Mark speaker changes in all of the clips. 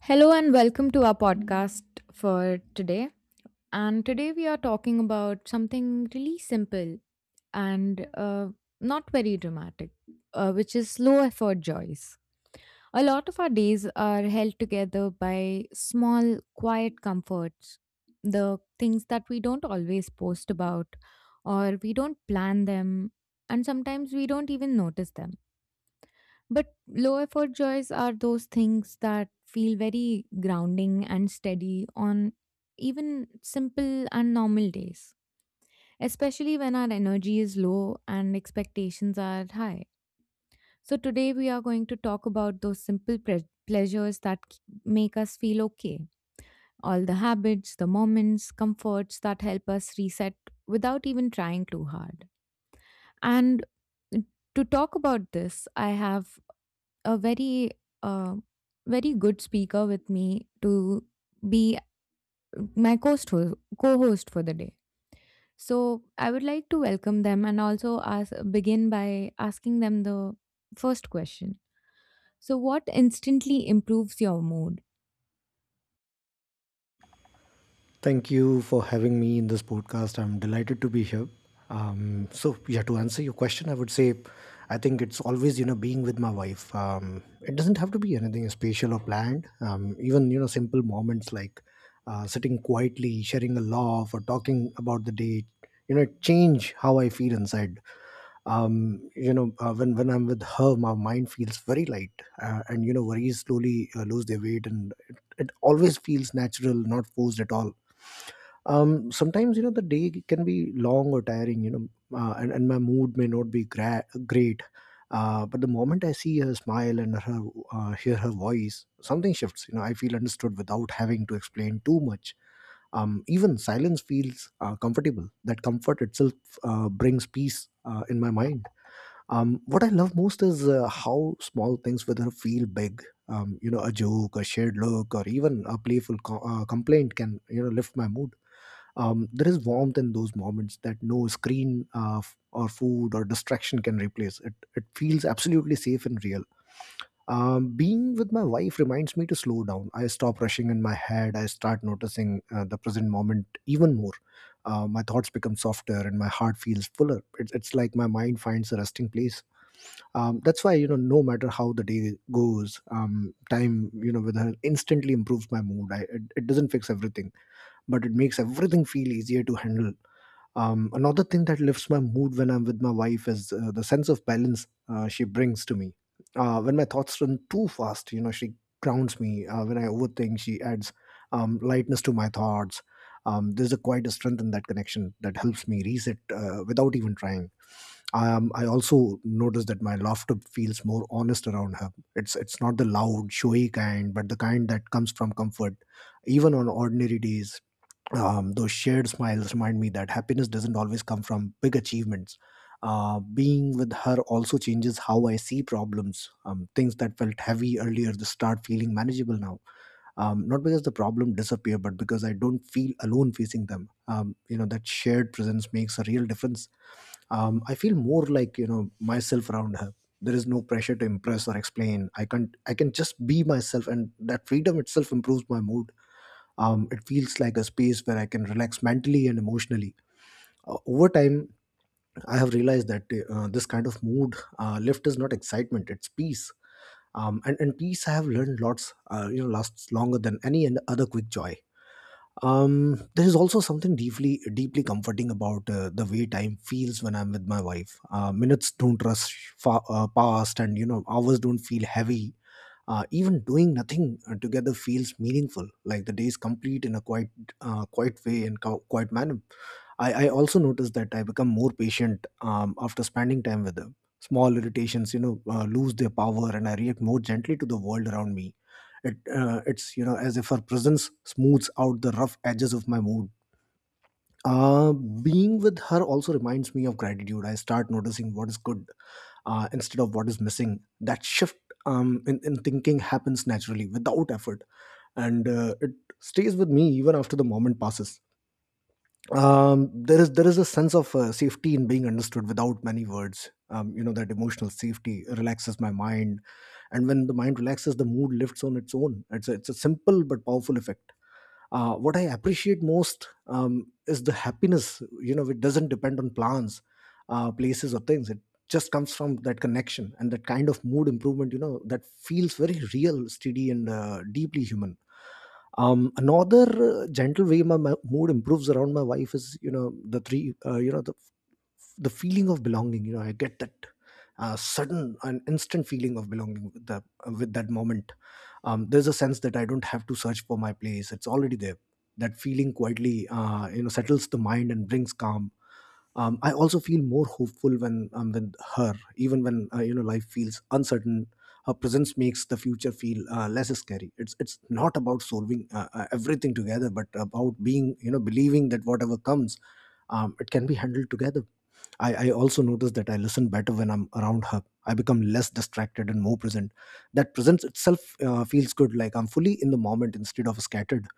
Speaker 1: Hello and welcome to our podcast for today. And today we are talking about something really simple and not very dramatic, which is low effort joys. A lot of our days are held together by small, quiet comforts, the things that we don't always post about or we don't plan them, and sometimes we don't even notice them, but low effort joys are those things that feel very grounding and steady on even simple and normal days, especially when our energy is low and expectations are high. So today we are going to talk about those simple pleasures that make us feel okay. All the habits, the moments, comforts that help us reset without even trying too hard. And to talk about this, I have a very uh, very good speaker with me to be my co-host for the day. So I would like to welcome them and also ask begin by asking them the first question. So, what instantly improves your mood?
Speaker 2: Thank you for having me in this podcast. I'm delighted to be here. So yeah, to answer your question, I would say I think it's always you know being with my wife. It doesn't have to be anything special or planned. Even you know simple moments like sitting quietly, sharing a laugh, or talking about the day. You know, change how I feel inside. When I'm with her, my mind feels very light, and you know worries slowly lose their weight, and it always feels natural, not forced at all. Sometimes you know the day can be long or tiring, you know, and my mood may not be great, but the moment I see her smile and her hear her voice, something shifts. You know, I feel understood without having to explain too much. Even silence feels comfortable. That comfort itself brings peace in my mind. What I love most is how small things with her feel big. You know, a joke, a shared look, or even a playful complaint can you know lift my mood. There is warmth in those moments that no screen, or food, or distraction can replace. It feels absolutely safe and real. Being with my wife reminds me to slow down. I stop rushing in my head. I start noticing the present moment even more. My thoughts become softer and my heart feels fuller. It's like my mind finds a resting place. That's why, you know, no matter how the day goes, time you know with her instantly improves my mood. It doesn't fix everything, but it makes everything feel easier to handle. Another thing that lifts my mood when I'm with my wife is the sense of balance she brings to me. When my thoughts run too fast, you know, she grounds me. When I overthink, she adds lightness to my thoughts. There's a quite a strength in that connection that helps me reset without even trying. I also notice that my laughter feels more honest around her. It's not the loud, showy kind, but the kind that comes from comfort. Even on ordinary days, those shared smiles remind me that happiness doesn't always come from big achievements. Being with her also changes how I see problems. Things that felt heavy earlier just start feeling manageable now. Not because the problem disappear, but because I don't feel alone facing them. You know that shared presence makes a real difference. I feel more like you know myself around her. There is no pressure to impress or explain. I can just be myself, and that freedom itself improves my mood. It feels like a space where I can relax mentally and emotionally. Over time, I have realized that this kind of mood lift is not excitement; it's peace. And peace, I have learned lots. You know, lasts longer than any and other quick joy. There is also something deeply, deeply comforting about the way time feels when I'm with my wife. Minutes don't rush fa- past, and you know, hours don't feel heavy even doing nothing together feels meaningful, like the day is complete in a quiet, quiet way and co- quiet manner. I also noticed that I become more patient after spending time with them. Small irritations, you know, lose their power, and I react more gently to the world around me. It, it's you know as if her presence smooths out the rough edges of my mood being with her also reminds me of gratitude. I start noticing what is good instead of what is missing. That shift in thinking happens naturally without effort, and it stays with me even after the moment passes. There is a sense of safety in being understood without many words. You know that emotional safety relaxes my mind, and when the mind relaxes, the mood lifts on its own. It's a simple but powerful effect. What I appreciate most, is the happiness, you know, it doesn't depend on plans, places, or things. It just comes from that connection, and that kind of mood improvement, you know, that feels very real, steady, and deeply human. Another gentle way my mood improves around my wife is you know the feeling of belonging. You know, I get that sudden and instant feeling of belonging with the with that moment. There's a sense that I don't have to search for my place, it's already there. That feeling quietly you know settles the mind and brings calm. I also feel more hopeful when I'm with her, even when you know life feels uncertain. Her presence makes the future feel less scary. It's not about solving everything together, but about being you know believing that whatever comes, it can be handled together. I also notice that I listen better when I'm around her. I become less distracted and more present. That presence itself feels good, like I'm fully in the moment instead of scattered.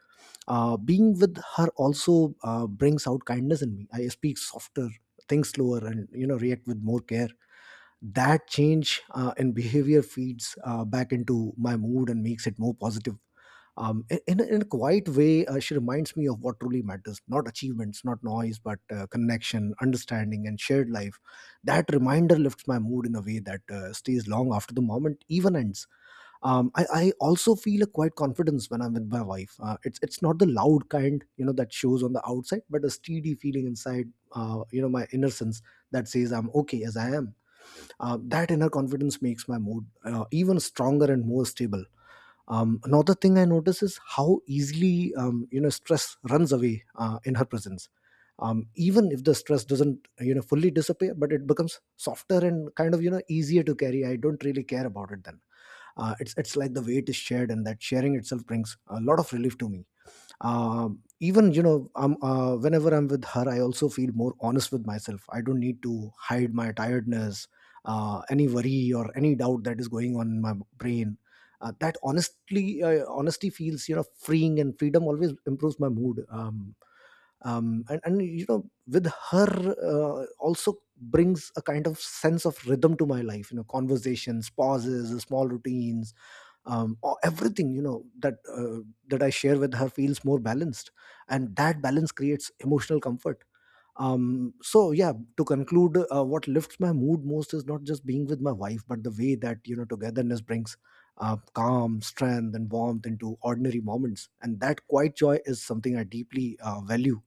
Speaker 2: Being with her also brings out kindness in me. I speak softer, think slower, and you know react with more care. That change in behavior feeds back into my mood and makes it more positive. In a quiet way, she reminds me of what truly matters, not achievements, not noise, but connection, understanding, and shared life. That reminder lifts my mood in a way that stays long after the moment even ends. I also feel a quiet confidence when I'm with my wife. It's not the loud kind, you know, that shows on the outside, but a steady feeling inside, you know, my inner sense that says I'm okay as I am. That inner confidence makes my mood even stronger and more stable. Another thing I notice is how easily, you know, stress runs away in her presence. Even if the stress doesn't, you know, fully disappear, but it becomes softer and kind of, you know, easier to carry. I don't really care about it then. It's like the weight is shared, and that sharing itself brings a lot of relief to me. Even you know Whenever I'm with her, I also feel more honest with myself. I don't need to hide my tiredness, any worry, or any doubt that is going on in my brain. Uh, that honestly uh, honesty feels you know freeing, and freedom always improves my mood. And you know with her also brings a kind of sense of rhythm to my life. You know, conversations, pauses, small routines, or everything you know that that I share with her feels more balanced, and that balance creates emotional comfort. So yeah, to conclude, what lifts my mood most is not just being with my wife, but the way that you know togetherness brings calm, strength, and warmth into ordinary moments, and that quiet joy is something I deeply value.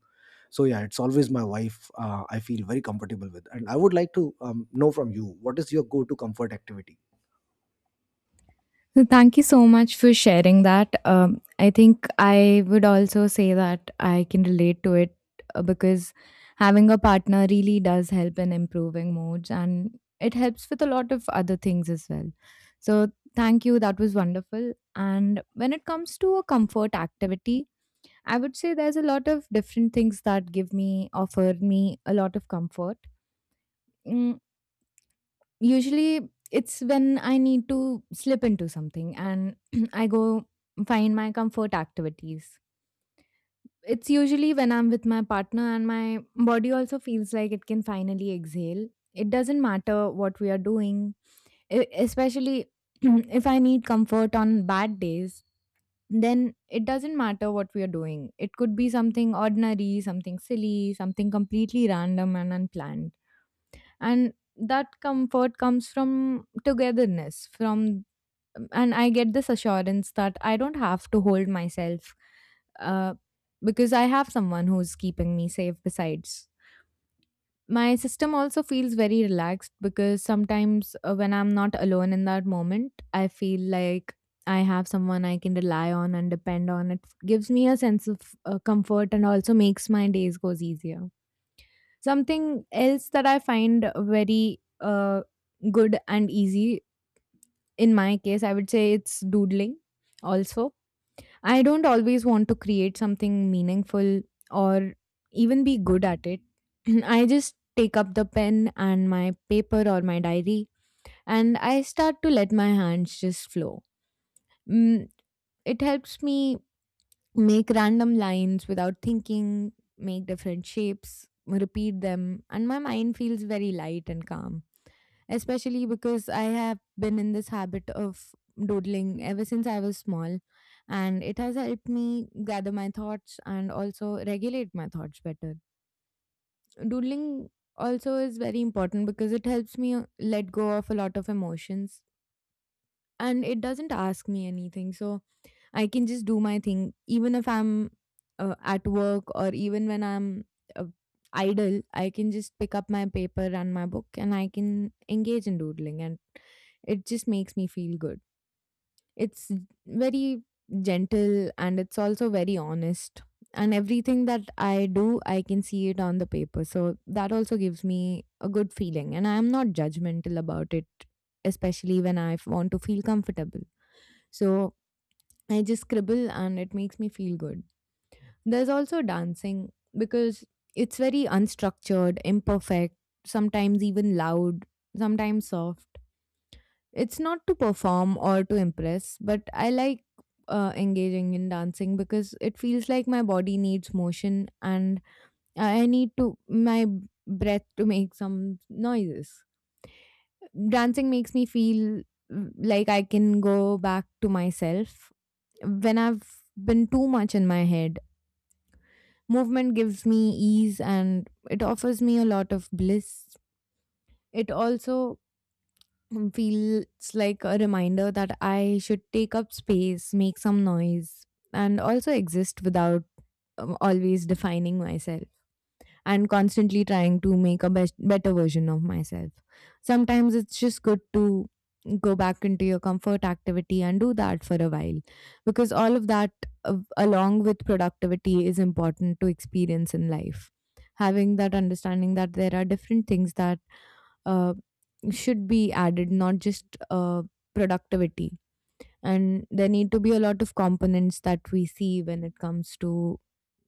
Speaker 2: So yeah, it's always my wife. I feel very comfortable with, and I would like to know from you, what is your go-to comfort activity?
Speaker 1: So thank you so much for sharing that. I think I would also say that I can relate to it because having a partner really does help in improving moods, and it helps with a lot of other things as well. So, thank you. That was wonderful. And when it comes to a comfort activity, I would say there's a lot of different things that give me, offer me a lot of comfort. Mm, usually, it's when I need to slip into something and I go find my comfort activities. It's usually when I'm with my partner and my body also feels like it can finally exhale. It doesn't matter what we are doing, especially if I need comfort on bad days, then it doesn't matter what we are doing. It could be something ordinary, something silly, something completely random and unplanned, and that comfort comes from togetherness from, and I get this assurance that I don't have to hold myself, uh, because I have someone who's keeping me safe besides. My system also feels very relaxed because sometimes, when I'm not alone in that moment, I feel like I have someone I can rely on and depend on. It gives me a sense of comfort and also makes my days goes easier. Something else that I find very good and easy in my case, I would say it's doodling also. I don't always want to create something meaningful or even be good at it. I just take up the pen and my paper or my diary and I start to let my hands just flow. Mm, it helps me make random lines without thinking, make different shapes, repeat them, and my mind feels very light and calm. Especially because I have been in this habit of doodling ever since I was small, and it has helped me gather my thoughts and also regulate my thoughts better. Doodling also is very important because it helps me let go of a lot of emotions, and it doesn't ask me anything. So I can just do my thing, even if I'm at work, or even when I'm uh, idle. I can just pick up my paper and my book, and I can engage in doodling, and it just makes me feel good. It's very gentle and it's also very honest. And everything that I do, I can see it on the paper. So that also gives me a good feeling. And I'm not judgmental about it, especially when I want to feel comfortable. So I just scribble and it makes me feel good. There's also dancing because it's very unstructured, imperfect, sometimes even loud, sometimes soft. It's not to perform or to impress, but I like engaging in dancing because it feels like my body needs motion and I need to my breath to make some noises. Dancing makes me feel, mm, like I can go back to myself when I've been too much in my head. Movement gives me ease and it offers me a lot of bliss. It also feels like a reminder that I should take up space, make some noise, and also exist without always defining myself and constantly trying to make a best, better version of myself. Sometimes it's just good to go back into your comfort activity and do that for a while, because all of that, along with productivity, is important to experience in life. Having that understanding that there are different things that uh, should be added, not just uh, productivity. And there need to be a lot of components that we see when it comes to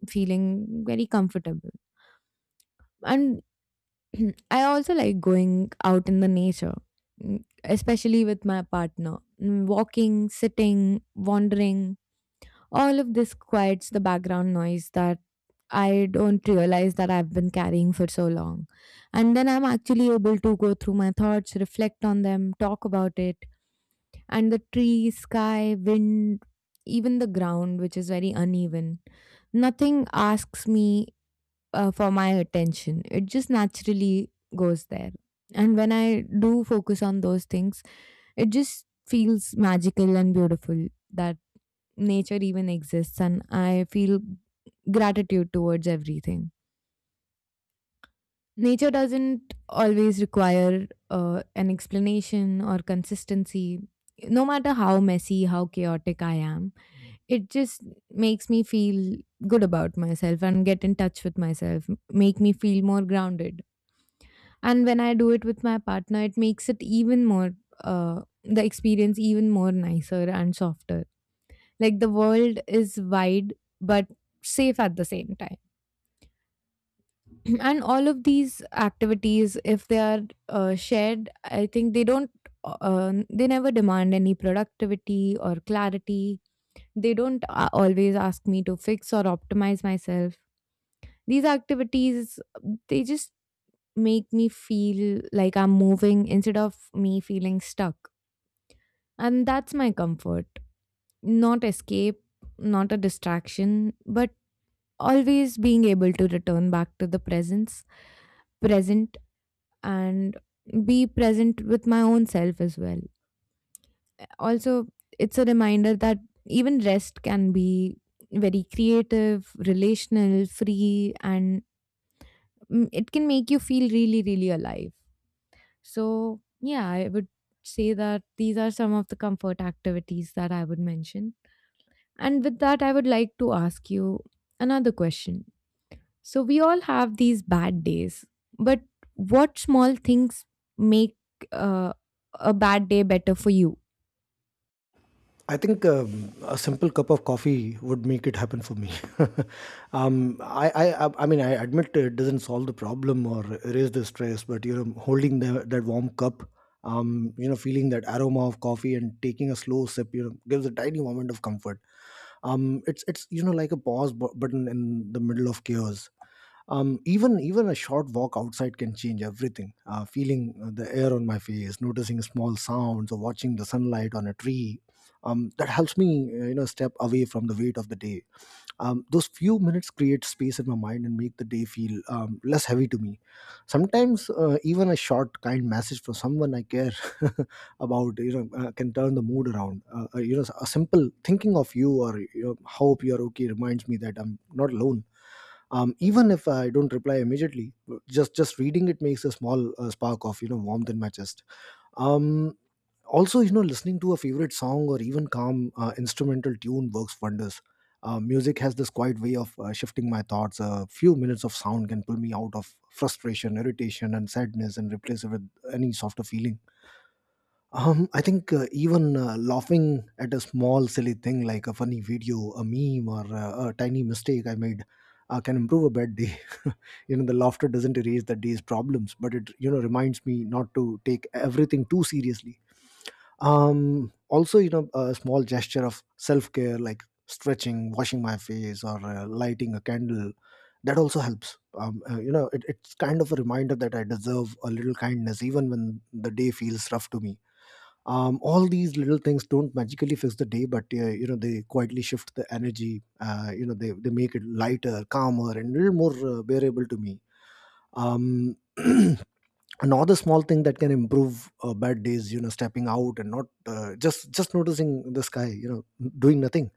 Speaker 1: feeling very comfortable. And I also like going out in the nature, mm, especially with my partner. Mm, walking, sitting, wandering, all of this quiets the background noise that I don't realize that I've been carrying for so long. And then I'm actually able to go through my thoughts, reflect on them, talk about it. And the tree, sky, wind, even the ground, which is very uneven, nothing asks me for my attention. It just naturally goes there. And when I do focus on those things, it just feels magical and beautiful that nature even exists. And I feel gratitude towards everything. Nature doesn't always require an explanation or consistency. No matter how messy, how chaotic I am, it just makes me feel good about myself and get in touch with myself, make me feel more grounded. And when I do it with my partner, it makes it even more, the experience even more nicer and softer. Like the world is wide, but safe at the same time. And all of these activities, if they are shared, I think they don't, they never demand any productivity or clarity. They don't always ask me to fix or optimize myself. These activities, they just make me feel like I'm moving instead of me feeling stuck. And that's my comfort. Not escape, not a distraction, but always being able to return back to the presence, present, and be present with my own self as well. Also, it's a reminder that even rest can be very creative, relational, free, and, mm, it can make you feel really, really alive. So, yeah, I would say that these are some of the comfort activities that I would mention. And with that, I would like to ask you another question. So, we all have these bad days, but what small things make uh, a bad day better for you?
Speaker 2: I think a simple cup of coffee would make it happen for me. I mean, I admit it doesn't solve the problem or erase the stress, but you know, holding that warm cup, you know, feeling that aroma of coffee and taking a slow sip, you know, gives a tiny moment of comfort. It's you know like a pause button in the middle of chaos. Even a short walk outside can change everything, feeling the air on my face, noticing small sounds or watching the sunlight on a tree. That helps me, you know, step away from the weight of the day. Those few minutes create space in my mind and make the day feel less heavy to me. Sometimes even a short kind message from someone I care about, you know, can turn the mood around. You know, a simple thinking of you or, you know, hope you're okay reminds me that I'm not alone. Even if I don't reply immediately, just reading it makes a small spark of, you know, warmth in my chest. Um, Also, you know, listening to a favorite song or even calm instrumental tune works wonders. Music has this quiet way of shifting my thoughts. A few minutes of sound can pull me out of frustration, irritation, and sadness, and replace it with any softer feeling. I think, even laughing at a small silly thing like a funny video, a meme, or a tiny mistake I made can improve a bad day. You know, the laughter doesn't erase the day's problems, but it, you know, reminds me not to take everything too seriously. Also, you know, a small gesture of self care like stretching, washing my face, or lighting a candle, that also helps. You know, it's kind of a reminder that I deserve a little kindness even when the day feels rough to me. All these little things don't magically fix the day, but, you know, they quietly shift the energy. You know, they make it lighter, calmer, and a little more bearable to me. um, Another small thing that can improve bad days, you know, stepping out and not just noticing the sky, you know, doing nothing,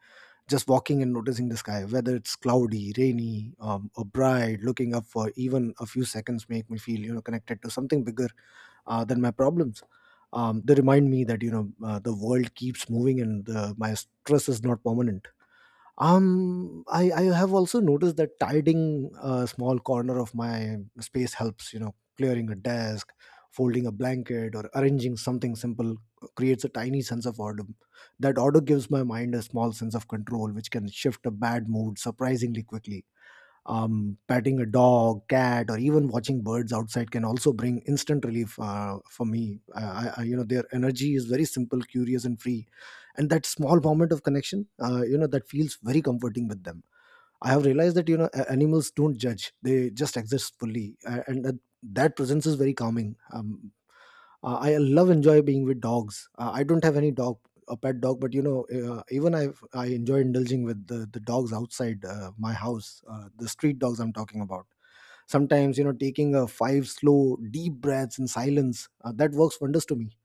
Speaker 2: just walking and noticing the sky, whether it's cloudy, rainy, or bright. Looking up for even a few seconds make me feel, you know, connected to something bigger than my problems. They remind me that, you know, the world keeps moving and, my stress is not permanent. Um, I have also noticed that tidying a small corner of my space helps. You know, clearing a desk, folding a blanket, or arranging something simple creates a tiny sense of order. That order gives my mind a small sense of control, which can shift a bad mood surprisingly quickly. Patting a dog, cat, or even watching birds outside can also bring instant relief, for me. You know, their energy is very simple, curious, and free, and that small moment of connection, you know, that feels very comforting with them. I have realized that, you know, animals don't judge; they just exist fully, and that presence is very calming. I love enjoy being with dogs. I don't have any dog, a pet dog, but, you know, even I enjoy indulging with the dogs outside my house, the street dogs I'm talking about. Sometimes, you know, taking a five slow deep breaths in silence, that works wonders to me.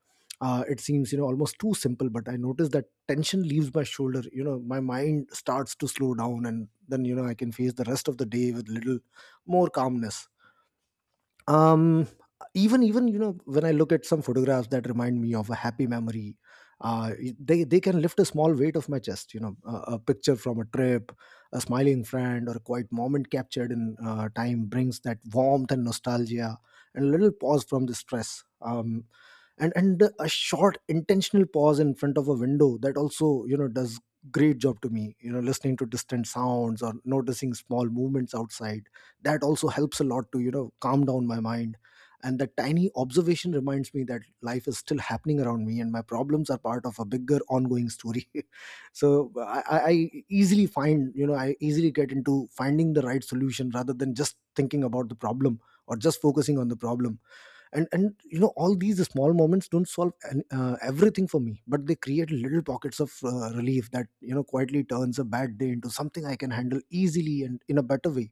Speaker 2: It seems, you know, almost too simple, but I notice that tension leaves my shoulder, you know, my mind starts to slow down, and then, you know, I can face the rest of the day with little more calmness. um Even, you know, when I look at some photographs that remind me of a happy memory, uh they can lift a small weight off my chest, you know, a picture from a trip, a smiling friend, or a quiet moment captured in time brings that warmth and nostalgia and a little pause from the stress. And a short intentional pause in front of a window, that also, you know, does great job to me. You know, listening to distant sounds or noticing small movements outside, that also helps a lot to, you know, calm down my mind. And that tiny observation reminds me that life is still happening around me and my problems are part of a bigger ongoing story. So, I easily find, you know, I easily get into finding the right solution rather than just thinking about the problem, or just focusing on the problem. And, you know, all these small moments don't solve everything for me, but they create little pockets of relief that, you know, quietly turns a bad day into something I can handle easily and in a better way.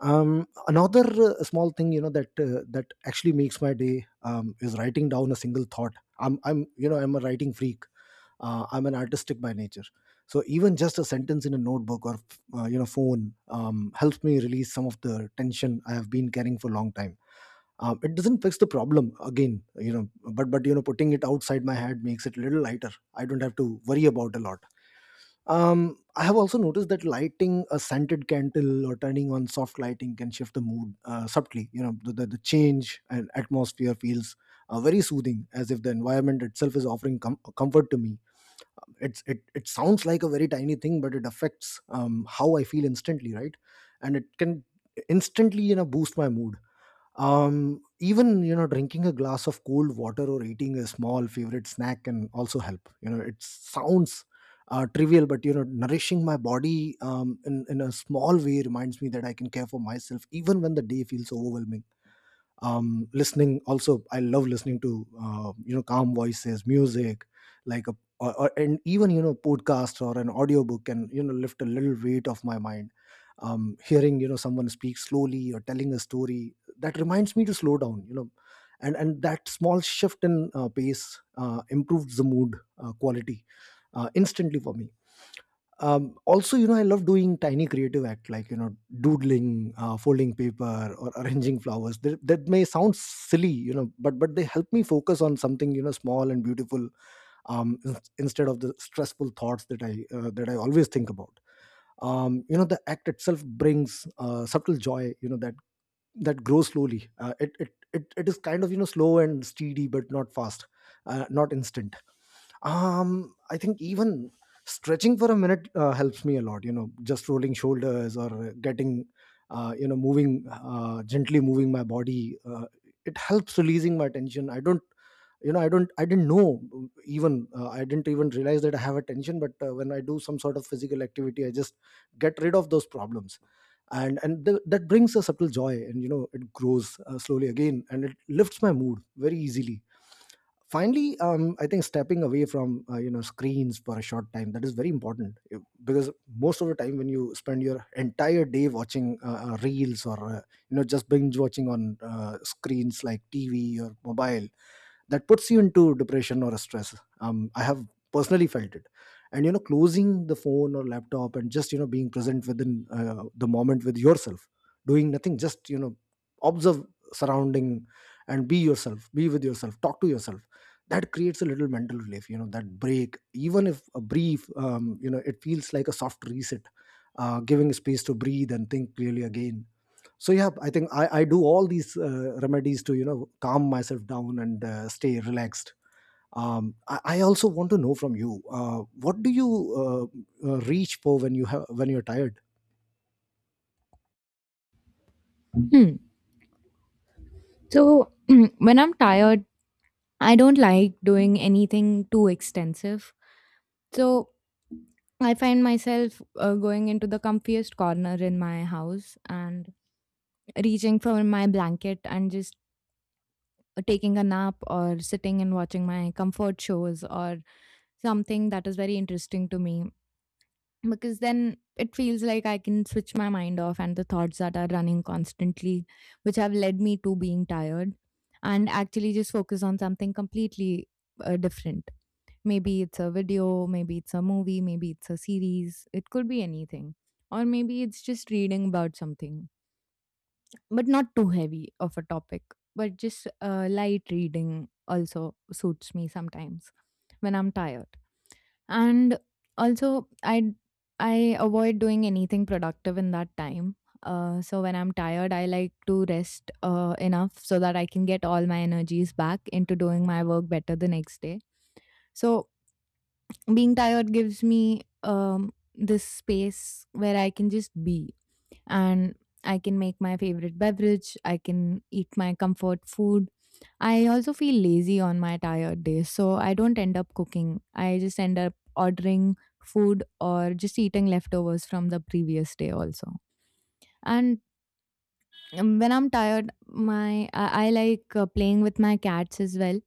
Speaker 2: Um, another small thing, you know, that that actually makes my day is writing down a single thought. I'm, you know, I'm a writing freak. I'm an artistic by nature, so even just a sentence in a notebook or, you know, phone helps me release some of the tension I have been carrying for a long time. It doesn't fix the problem again, you know, but, you know, putting it outside my head makes it a little lighter. I don't have to worry about a lot. I have also noticed that lighting a scented candle or turning on soft lighting can shift the mood subtly. You know, the change and atmosphere feels very soothing, as if the environment itself is offering comfort to me. It sounds like a very tiny thing, but it affects, how I feel instantly, right? And it can instantly, you know, boost my mood. Um, even, you know, drinking a glass of cold water or eating a small favorite snack can also help. You know, it sounds, trivial, but, you know, nourishing my body, um, in a small way reminds me that I can care for myself even when the day feels overwhelming. Um, listening, also, I love listening to, you know, calm voices, music like a, and even, you know, podcast or an audiobook, can, you know, lift a little weight off my mind. Um, hearing, you know, someone speak slowly or telling a story that reminds me to slow down, you know. And that small shift in, pace improves the mood quality instantly for me. Um, also, you know, I love doing tiny creative act like, you know, doodling, folding paper, or arranging flowers. That may sound silly, you know, but they help me focus on something, you know, small and beautiful, instead of the stressful thoughts that I always think about. Um, you know, the act itself brings subtle joy, you know, that grows slowly. It is kind of, you know, slow and steady but not fast, not instant. Um, I think even stretching for a minute helps me a lot. You know, just rolling shoulders or getting, you know, moving, gently moving my body, it helps releasing my tension. I didn't know, even I didn't even realize that I have a tension, but, when I do some sort of physical activity, I just get rid of those problems. That brings a subtle joy, and, you know, it grows slowly again, and it lifts my mood very easily. Finally, I think stepping away from, you know, screens for a short time, that is very important. Because most of the time when you spend your entire day watching, reels or, you know, just binge watching on, screens like TV or mobile, that puts you into depression or a stress. Um, I have personally felt it. And, you know, closing the phone or laptop and just, you know, being present within, the moment with yourself, doing nothing, just, you know, observe surrounding and be yourself, be with yourself, talk to yourself. That creates a little mental relief. You know, that break, even if a brief, you know, it feels like a soft reset, giving space to breathe and think clearly again. So, yeah, I think I do all these remedies to, you know, calm myself down and, stay relaxed. Um, I also want to know from you, what do you reach for when you have, when you're tired?
Speaker 1: Hmm. So when I'm tired, I don't like doing anything too extensive. So I find myself going into the comfiest corner in my house and reaching for my blanket and just taking a nap or sitting and watching my comfort shows or something that is very interesting to me, because then it feels like I can switch my mind off and the thoughts that are running constantly, which have led me to being tired, and actually just focus on something completely different. Maybe it's a video, maybe it's a movie, maybe it's a series, it could be anything. Or maybe it's just reading about something, but not too heavy of a topic, but just light reading also suits me sometimes when I'm tired. And also, I avoid doing anything productive in that time. So when I'm tired, I like to rest enough so that I can get all my energies back into doing my work better the next day. So being tired gives me, this space where I can just be, and I can make my favorite beverage, I can eat my comfort food. I also feel lazy on my tired days, so I don't end up cooking. I just end up ordering food or just eating leftovers from the previous day also. And when I'm tired, my I like playing with my cats as well.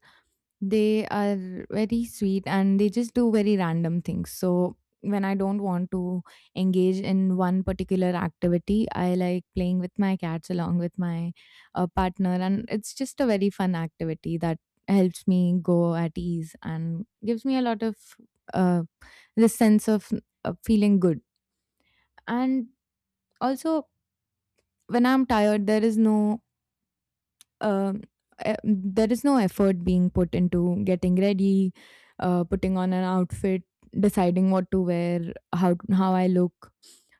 Speaker 1: They are very sweet and they just do very random things. So when I don't want to engage in one particular activity, I like playing with my cats along with my partner, and it's just a very fun activity that helps me go at ease and gives me a lot of uh, this sense of feeling good. And also, when I'm tired, there is no um, there is no effort being put into getting ready, putting on an outfit, deciding what to wear, how I look.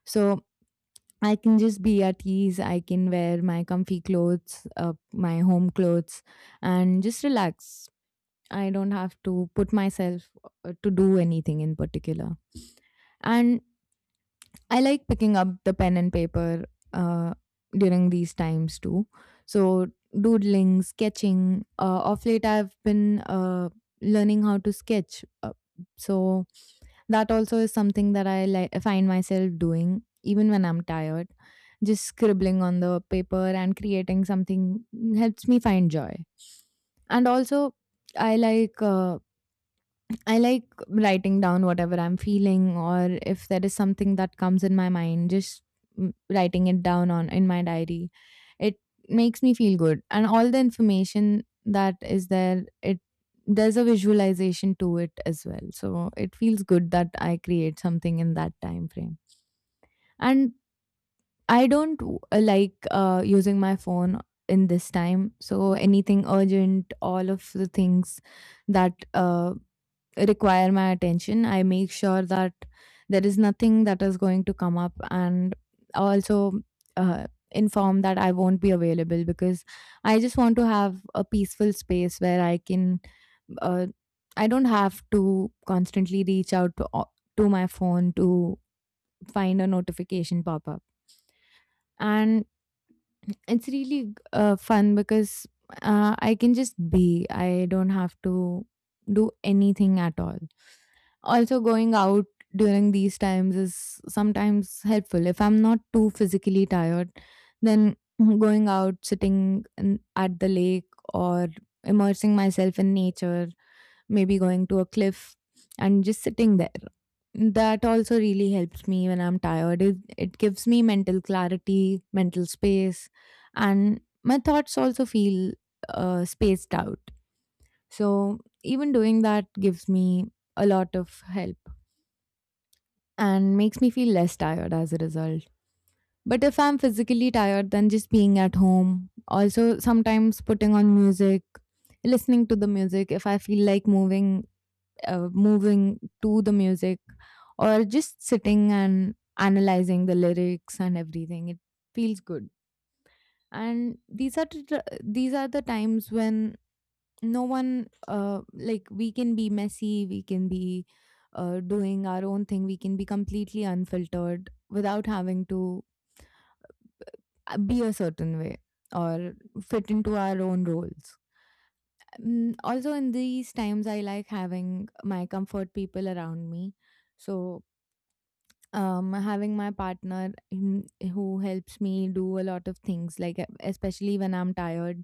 Speaker 1: So I can just be at ease. I can wear my comfy clothes, my home clothes, and just relax. I don't have to put myself to do anything in particular. And I like picking up the pen and paper uh, during these times too. So, doodling, sketching. Of late, I've been learning how to sketch. So that also is something that I find myself doing even when I'm tired. Just scribbling on the paper and creating something helps me find joy. And also, I like uh, I like writing down whatever I'm feeling, or if there is something that comes in my mind, just writing it down on in my diary. It makes me feel good. And all the information that is there, it there's a visualization to it as well. So it feels good that I create something in that time frame. And I don't like using my phone in this time. So anything urgent, all of the things that require my attention, I make sure that there is nothing that is going to come up, and also inform that I won't be available, because I just want to have a peaceful space where I can. Uh, I don't have to constantly reach out to my phone to find a notification pop up. And it's really fun, because I can just be. I don't have to do anything at all. Also, going out during these times is sometimes helpful. If I'm not too physically tired, then going out, sitting in, at the lake, or immersing myself in nature, maybe going to a cliff and just sitting there. That also really helps me when I'm tired. It gives me mental clarity, mental space, and my thoughts also feel spaced out. So, even doing that gives me a lot of help and makes me feel less tired as a result. But if I'm physically tired, then just being at home, also sometimes putting on music, listening to the music, if I feel like moving, moving to the music, or just sitting and analyzing the lyrics and everything, it feels good. And these are the times when no one like, we can be messy, we can be doing our own thing, we can be completely unfiltered without having to be a certain way or fit into our own roles. Also in these times I like having my comfort people around me. So having my partner, who helps me do a lot of things, like especially when I'm tired,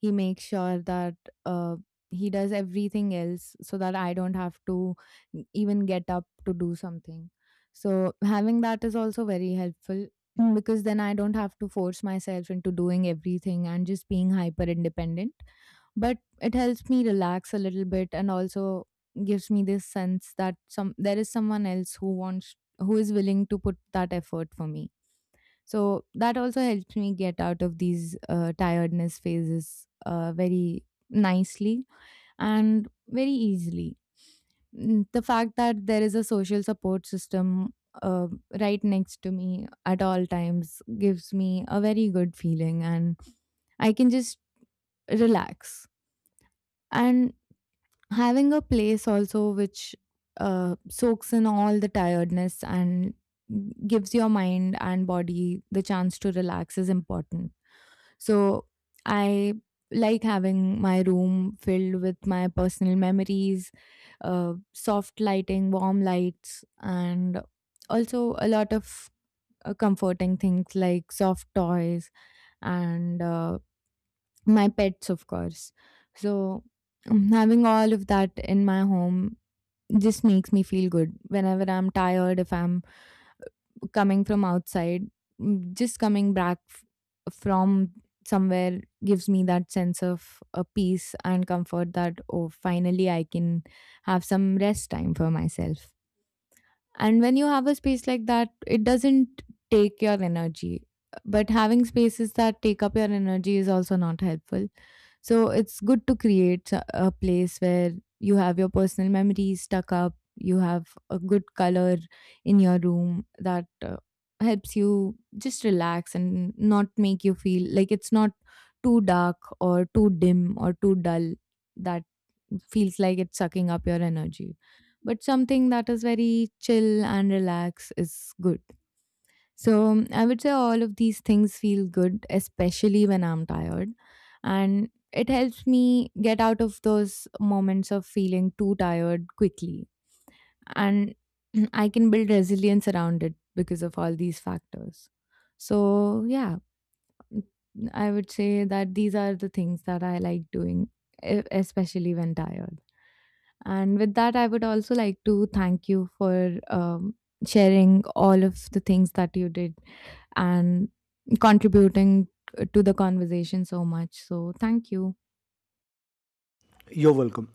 Speaker 1: he makes sure that uh, he does everything else, so that I don't have to even get up to do something. So having that is also very helpful, because then I don't have to force myself into doing everything and just being hyper independent. But it helps me relax a little bit, and also gives me this sense that some there is someone else who wants who is willing to put that effort for me. So that also helps me get out of these tiredness phases very nicely and very easily. The fact that there is a social support system uh, right next to me at all times gives me a very good feeling, and I can just relax. And having a place also which soaks in all the tiredness and gives your mind and body the chance to relax is important. So I like having my room filled with my personal memories, soft lighting, warm lights, and also a lot of comforting things like soft toys, and my pets of course. So having all of that in my home just makes me feel good whenever I'm tired, if I'm coming from outside, just from somewhere, gives me that sense of peace and comfort, that oh, finally I can have some rest time for myself. And when you have a space like that, it doesn't take your energy. But having spaces that take up your energy is also not helpful. So it's good to create a place where you have your personal memories stuck up, you have a good color in your room that helps you just relax, and not make you feel like it's not too dark or too dim or too dull, that feels like it's sucking up your energy. But something that is very chill and relax is good. So I would say all of these things feel good, especially when I'm tired. And it helps me get out of those moments of feeling too tired quickly. And I can build resilience around it because of all these factors. So, yeah, I would say that these are the things that I like doing, especially when tired. And with that, I would also like to thank you for sharing all of the things that you did, and contributing to the conversation so much. So, thank you.
Speaker 2: You're welcome.